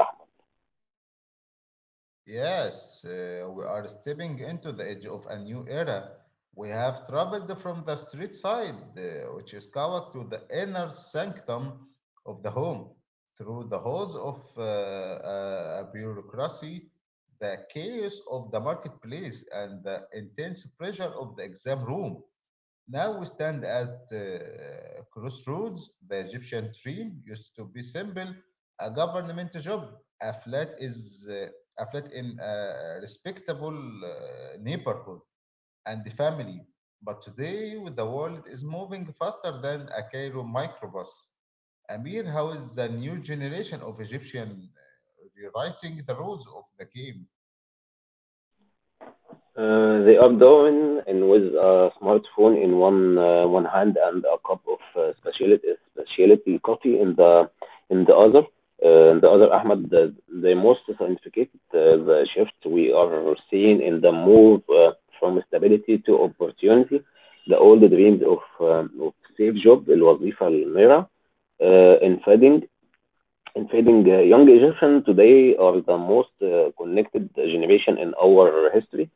Speaker 1: Yes, uh, we are stepping into the edge of a new era. We have traveled from the street side, uh, which is Kawak, to the inner sanctum of the home, through the halls of uh, uh, a bureaucracy, the chaos of the marketplace, and the intense pressure of the exam room. Now we stand at uh, crossroads. The Egyptian dream used to be simple: a government job, a flat is uh, a flat in a respectable uh, neighborhood, and the family. But today, the world is moving faster than a Cairo microbus. Amir, how is the new generation of Egyptian uh, rewriting the rules of the game?
Speaker 2: Uh, they are doing and with a smartphone in one uh, one hand and a cup of uh, specialty specialty coffee in the in the other. Uh, the other Ahmed, the, the most scientific uh, the shift we are seeing in the move uh, from stability to opportunity. The old dreams of um, of safe job, الوظيفة المرة, uh, in fading. In fading, uh, young Egyptians today are the most uh, connected generation in our history.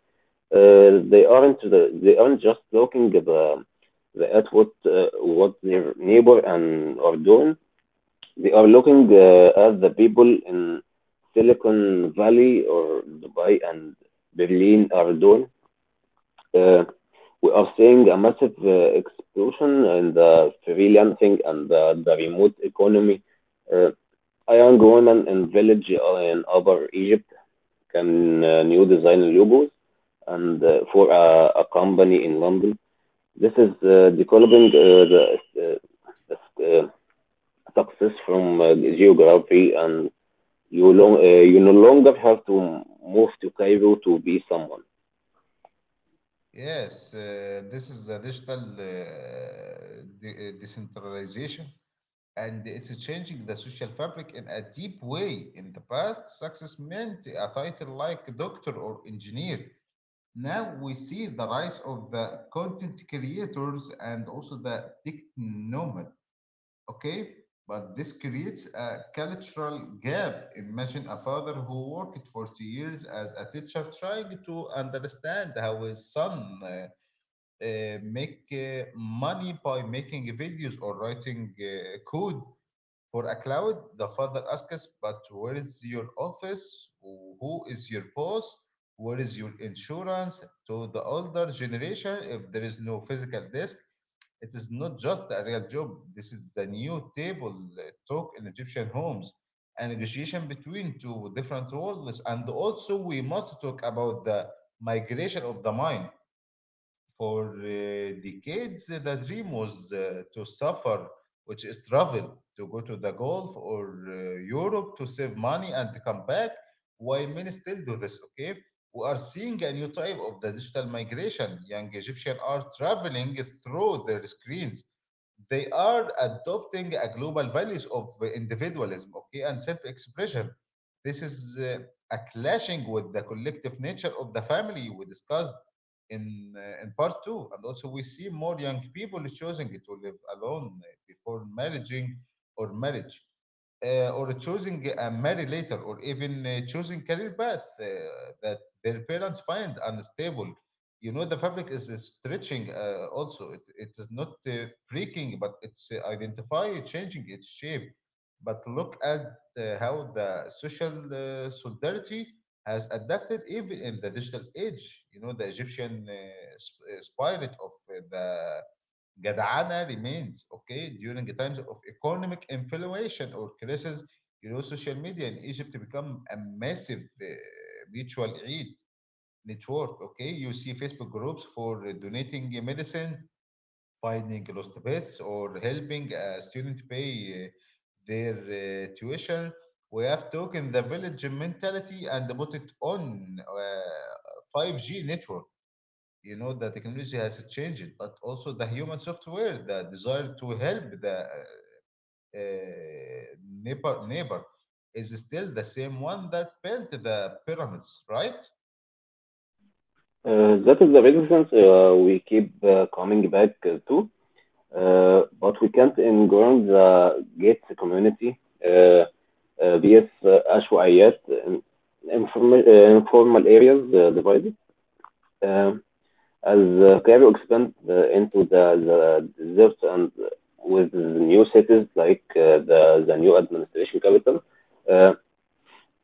Speaker 2: Uh, they aren't the, they aren't just looking at the, the at what uh, what their neighbor and are doing. They are looking uh, at the people in Silicon Valley or Dubai and Berlin are doing. Uh, we are seeing a massive uh, explosion in the freelancing and the, the remote economy. Uh, a young woman in village uh, in Upper Egypt can uh, new design logos and uh, for a, a company in London. This is uh, developing uh, the, uh, the uh, success from uh, geography, and you long uh, you no longer have to move to Cairo to be someone.
Speaker 1: Yes, uh, this is the digital uh, de- uh, decentralization. And it's changing the social fabric in a deep way. In the past, success meant a title like doctor or engineer. Now we see the rise of the content creators and also the tech nomad. Okay, but this creates a cultural gap. Imagine a father who worked for two years as a teacher trying to understand how his son uh, uh, make uh, money by making videos or writing uh, code for a cloud. The father asks, but where is your office? Who is your boss? Where is your insurance? To the older generation, if there is no physical desk, it is not just a real job. This is the new table uh, talk in Egyptian homes, a negotiation between two different worlds. And also, we must talk about the migration of the mind for uh, decades. The dream was uh, to suffer, which is travel, to go to the Gulf or uh, Europe to save money and come back. Why men still do this? Okay, we are seeing a new type of the digital migration. Young Egyptians are traveling through their screens. They are adopting a global values of individualism, okay, and self-expression. This is uh, a clashing with the collective nature of the family we discussed in uh, in part two, and also we see more young people choosing to live alone uh, before marrying or marriage, uh, or choosing a marriage later, or even uh, choosing career path uh, that their parents find unstable. You know, the fabric is uh, stretching. Uh, also, it, it is not uh, breaking, but it's uh, identify changing its shape. But look at uh, how the social uh, solidarity has adapted even in the digital age. You know, the Egyptian uh, sp- uh, spirit of uh, the Gadana remains, okay, during the times of economic inflation or crisis. You know, social media in Egypt become a massive uh, mutual aid network, okay? You see Facebook groups for donating medicine, finding lost pets, or helping a student pay uh, their uh, tuition. We have taken the village mentality and put it on uh, five G network. You know, the technology has changed, but also the human software, the desire to help the uh, uh, neighbor, neighbor is still the same one that built the pyramids, right?
Speaker 2: Uh, that is the reasons uh, we keep uh, coming back to. Uh, but we can't ignore the gates community, uh, uh, بيس عشوائيات, informal, uh, informal areas uh, divided, uh, as uh, Cairo expands uh, into the, the desert and with new cities like uh, the, the new administration capital uh,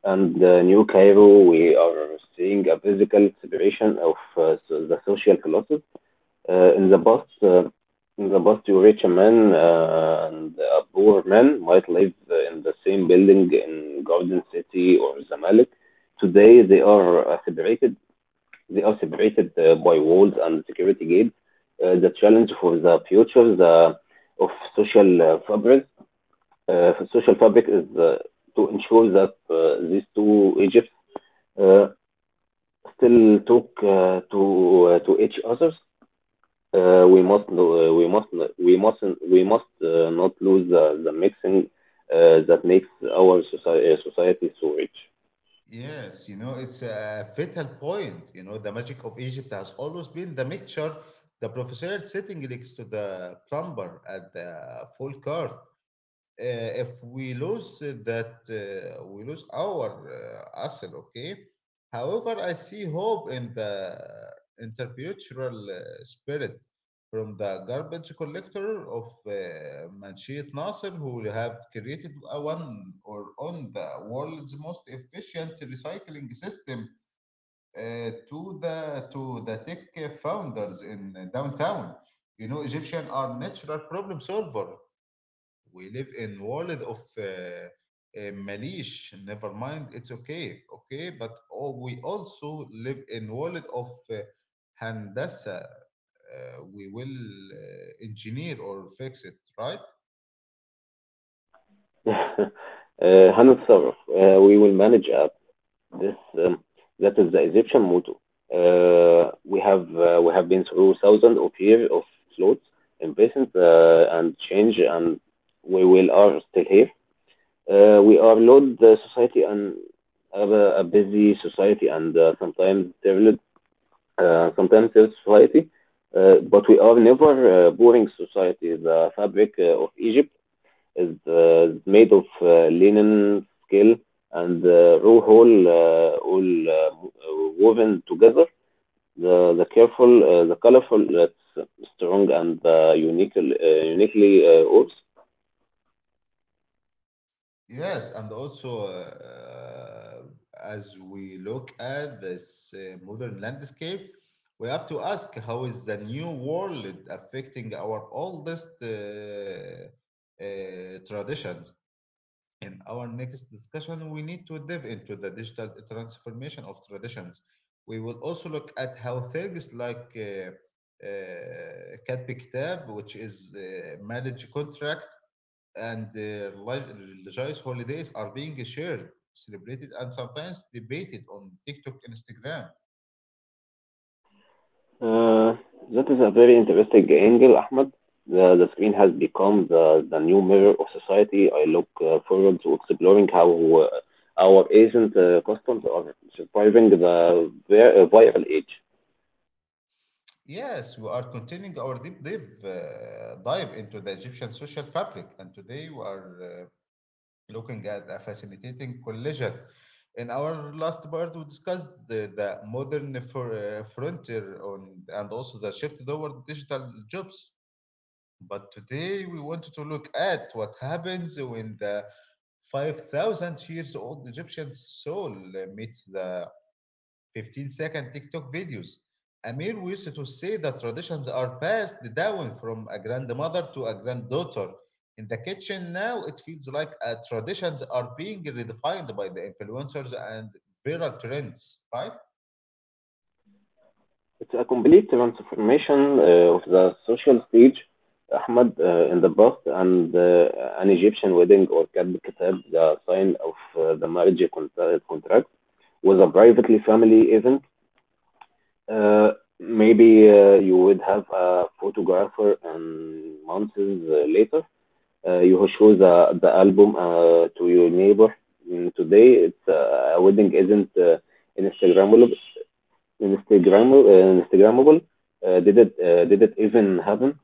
Speaker 2: and the new Cairo. We are seeing a physical separation of uh, so the social classes. Uh, in the past, uh, in the past, you rich man uh, and a poor man might live uh, in the same building in Garden City or Zamalek. Today, they are uh, separated. They are separated uh, by walls and security gates. Uh, the challenge for the future the, of social uh, fabric, uh, social fabric is uh, to ensure that uh, these two Egypts uh, still talk uh, to uh, to each other. Uh, we must lo- uh, we must we must We must uh, not lose the, the mixing uh, that makes our society, society so rich.
Speaker 1: Yes, you know, it's a fatal point. You know, the magic of Egypt has always been the mixture, the professor sitting next to the plumber at the full court. Uh, if we lose that, uh, we lose our uh, asset, okay. However, I see hope in the intercultural uh, spirit from the garbage collector of uh, Manshit Nasser, who have created a one or on the world's most efficient recycling system, uh, to the to the tech founders in uh, downtown. You know, Egyptians are natural problem solver. We live in world of uh, uh, malish, never mind, it's okay, okay, but all, we also live in world of uh, handasa. Uh, we will uh, engineer or fix it, right?
Speaker 2: uh, هنتصرف, uh, we will manage up this. Um, that is the Egyptian motto. Uh, we have uh, we have been through thousands of years of floods, impatience uh, and change, and we will are still here. Uh, we are load the society and have a, a busy society and uh, sometimes terrible uh, competitive society, uh, but we are never uh, boring society. The fabric uh, of Egypt is uh, made of uh, linen, scale, and uh, raw whole, uh, all uh, woven together. The, the careful, uh, the colorful, that's strong and uh, unique, uh, uniquely uh, ours.
Speaker 1: Yes, and also, uh, uh, as we look at this uh, modern landscape, we have to ask how is the new world affecting our oldest uh, uh, traditions. In our next discussion, we need to dive into the digital transformation of traditions. We will also look at how things like uh, uh, Katb Kitab, which is uh, marriage contract, and uh, relig- religious holidays are being shared, celebrated, and sometimes debated on TikTok, Instagram.
Speaker 2: Uh, that is a very interesting angle, Ahmed. The, the screen has become the, the new mirror of society. I look uh, forward to exploring how uh, our ancient uh, customs are surviving the vi- uh, viral age.
Speaker 1: Yes, we are continuing our deep dive, uh, dive into the Egyptian social fabric, and today we are uh, looking at a facilitating collision. In our last part, we discussed the, the modern for, uh, frontier on, and also the shift toward digital jobs. But today, we want to look at what happens when the five thousand years old Egyptian soul meets the fifteen second TikTok videos. Amir used to say that traditions are passed down from a grandmother to a granddaughter. In the kitchen now, it feels like uh, traditions are being redefined by the influencers and viral trends, right?
Speaker 2: It's a complete transformation uh, of the social stage, Ahmed. Uh, in the past, and uh, an Egyptian wedding or Kab Kitab, the sign of uh, the marriage con- contract, was a privately family event. Uh, Maybe uh, you would have a photographer, and months uh, later, uh, you show the the album uh, to your neighbor. Mm, today, it's uh, a wedding isn't uh, Instagrammable. Instagrammable. Uh, Instagrammable. Uh, did it? Uh, did it even happen?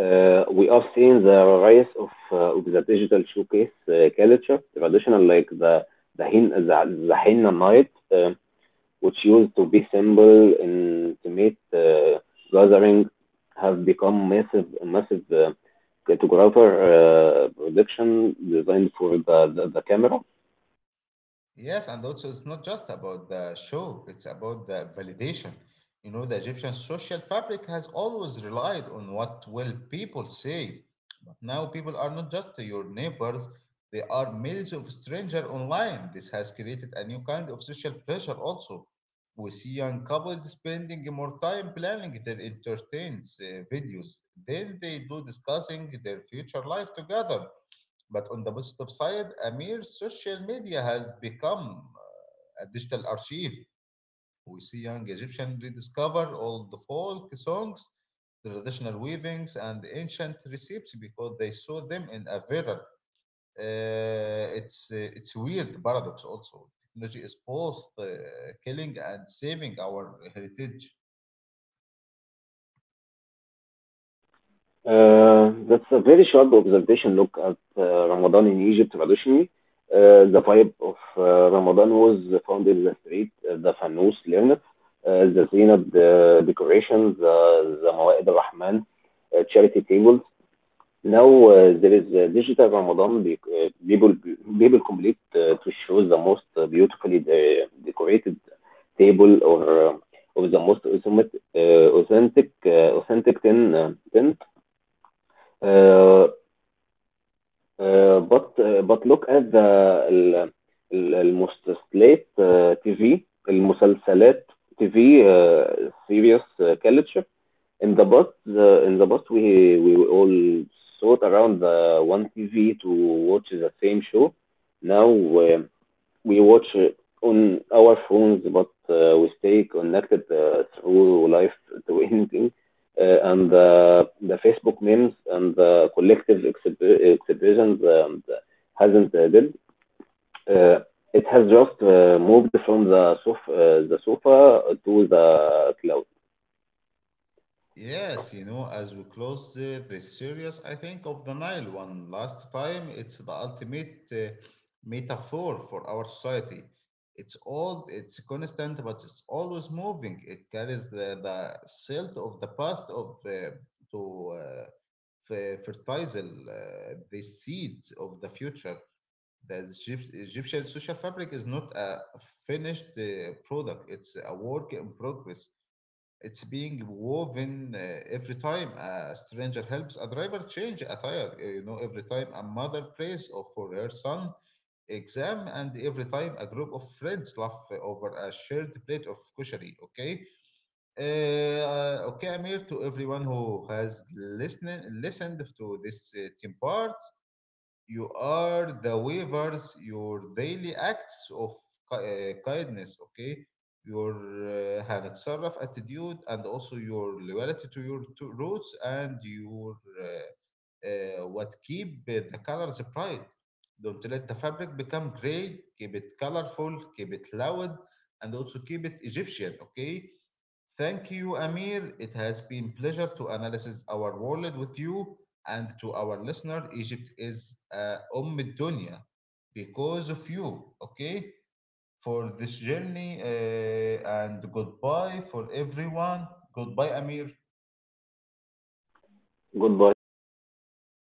Speaker 2: Uh, we are seeing the rise of, uh, of the digital showcase uh, culture, traditional like the the Hin the, the Henna night, Uh, which used to be simple in intimate uh, gathering, have become massive massive uh, photographer uh, production designed for the, the, the camera.
Speaker 1: Yes, and also, it's not just about the show, it's about the validation. You know, the Egyptian social fabric has always relied on what will people say. Now people are not just your neighbors, they are millions of strangers online. This has created a new kind of social pressure also. We see young couples spending more time planning their entertains uh, videos than they do discussing their future life together. But on the positive side, a mere social media has become uh, a digital archive. We see young Egyptians rediscover all the folk songs, the traditional weavings, and ancient recipes because they saw them in a viral. Uh, it's uh, it's weird paradox also. Technology is both uh, killing and saving our heritage.
Speaker 2: Uh, that's a very sharp observation. Look at uh, Ramadan in Egypt traditionally. Uh, the vibe of uh, Ramadan was found in the street, uh, the fanous learned, uh, the zenith, the decorations, the, the Mawa'id al-Rahman, uh, charity tables. Now, uh, there is a digital Ramadan, be- uh, people people complete uh, to show the most uh, beautifully de- decorated table or uh, or the most authentic uh, authentic uh, authentic tin uh, tent. Uh, uh, but uh, but look at the ال- ال- المسلسلات uh, T V المسلسلات T V uh, serious uh, culture. In the bus the in the bus we we all sat around the one T V to watch the same show. Now uh, we watch it on our phones, but uh, we stay connected uh, through life to anything. Uh, and uh, the Facebook memes and the collective exhib- exhibitions um, hasn't uh, did. Uh, it has just uh, moved from the sofa, uh, the sofa to the cloud.
Speaker 1: Yes, you know, as we close uh, the series, I think of the Nile one last time. It's the ultimate uh, metaphor for our society. It's all it's constant, but it's always moving. It carries the, the silt of the past of uh, to uh, f- fertilize uh, the seeds of the future. The Egypt- Egyptian social fabric is not a finished uh, product; it's a work in progress. It's being woven uh, every time a stranger helps a driver change attire, uh, you know, every time a mother prays or for her son exam, and every time a group of friends laugh over a shared plate of kushari. Okay, uh, okay, Amir, to everyone who has listened listened to this uh, ten parts. You are the waivers, your daily acts of ki- uh, kindness, okay? Your uh, هنتصرف attitude and also your loyalty to your to roots and your uh, uh, what keep the colors bright. Don't let the fabric become gray. Keep it colorful, keep it loud, and also keep it Egyptian. Okay. Thank you, Amir. It has been pleasure to analyze our world with you and to our listener. Egypt is uh, Umm Dunya because of you. Okay, for this journey uh, and goodbye for everyone. Goodbye, Amir.
Speaker 2: Goodbye. Thank you.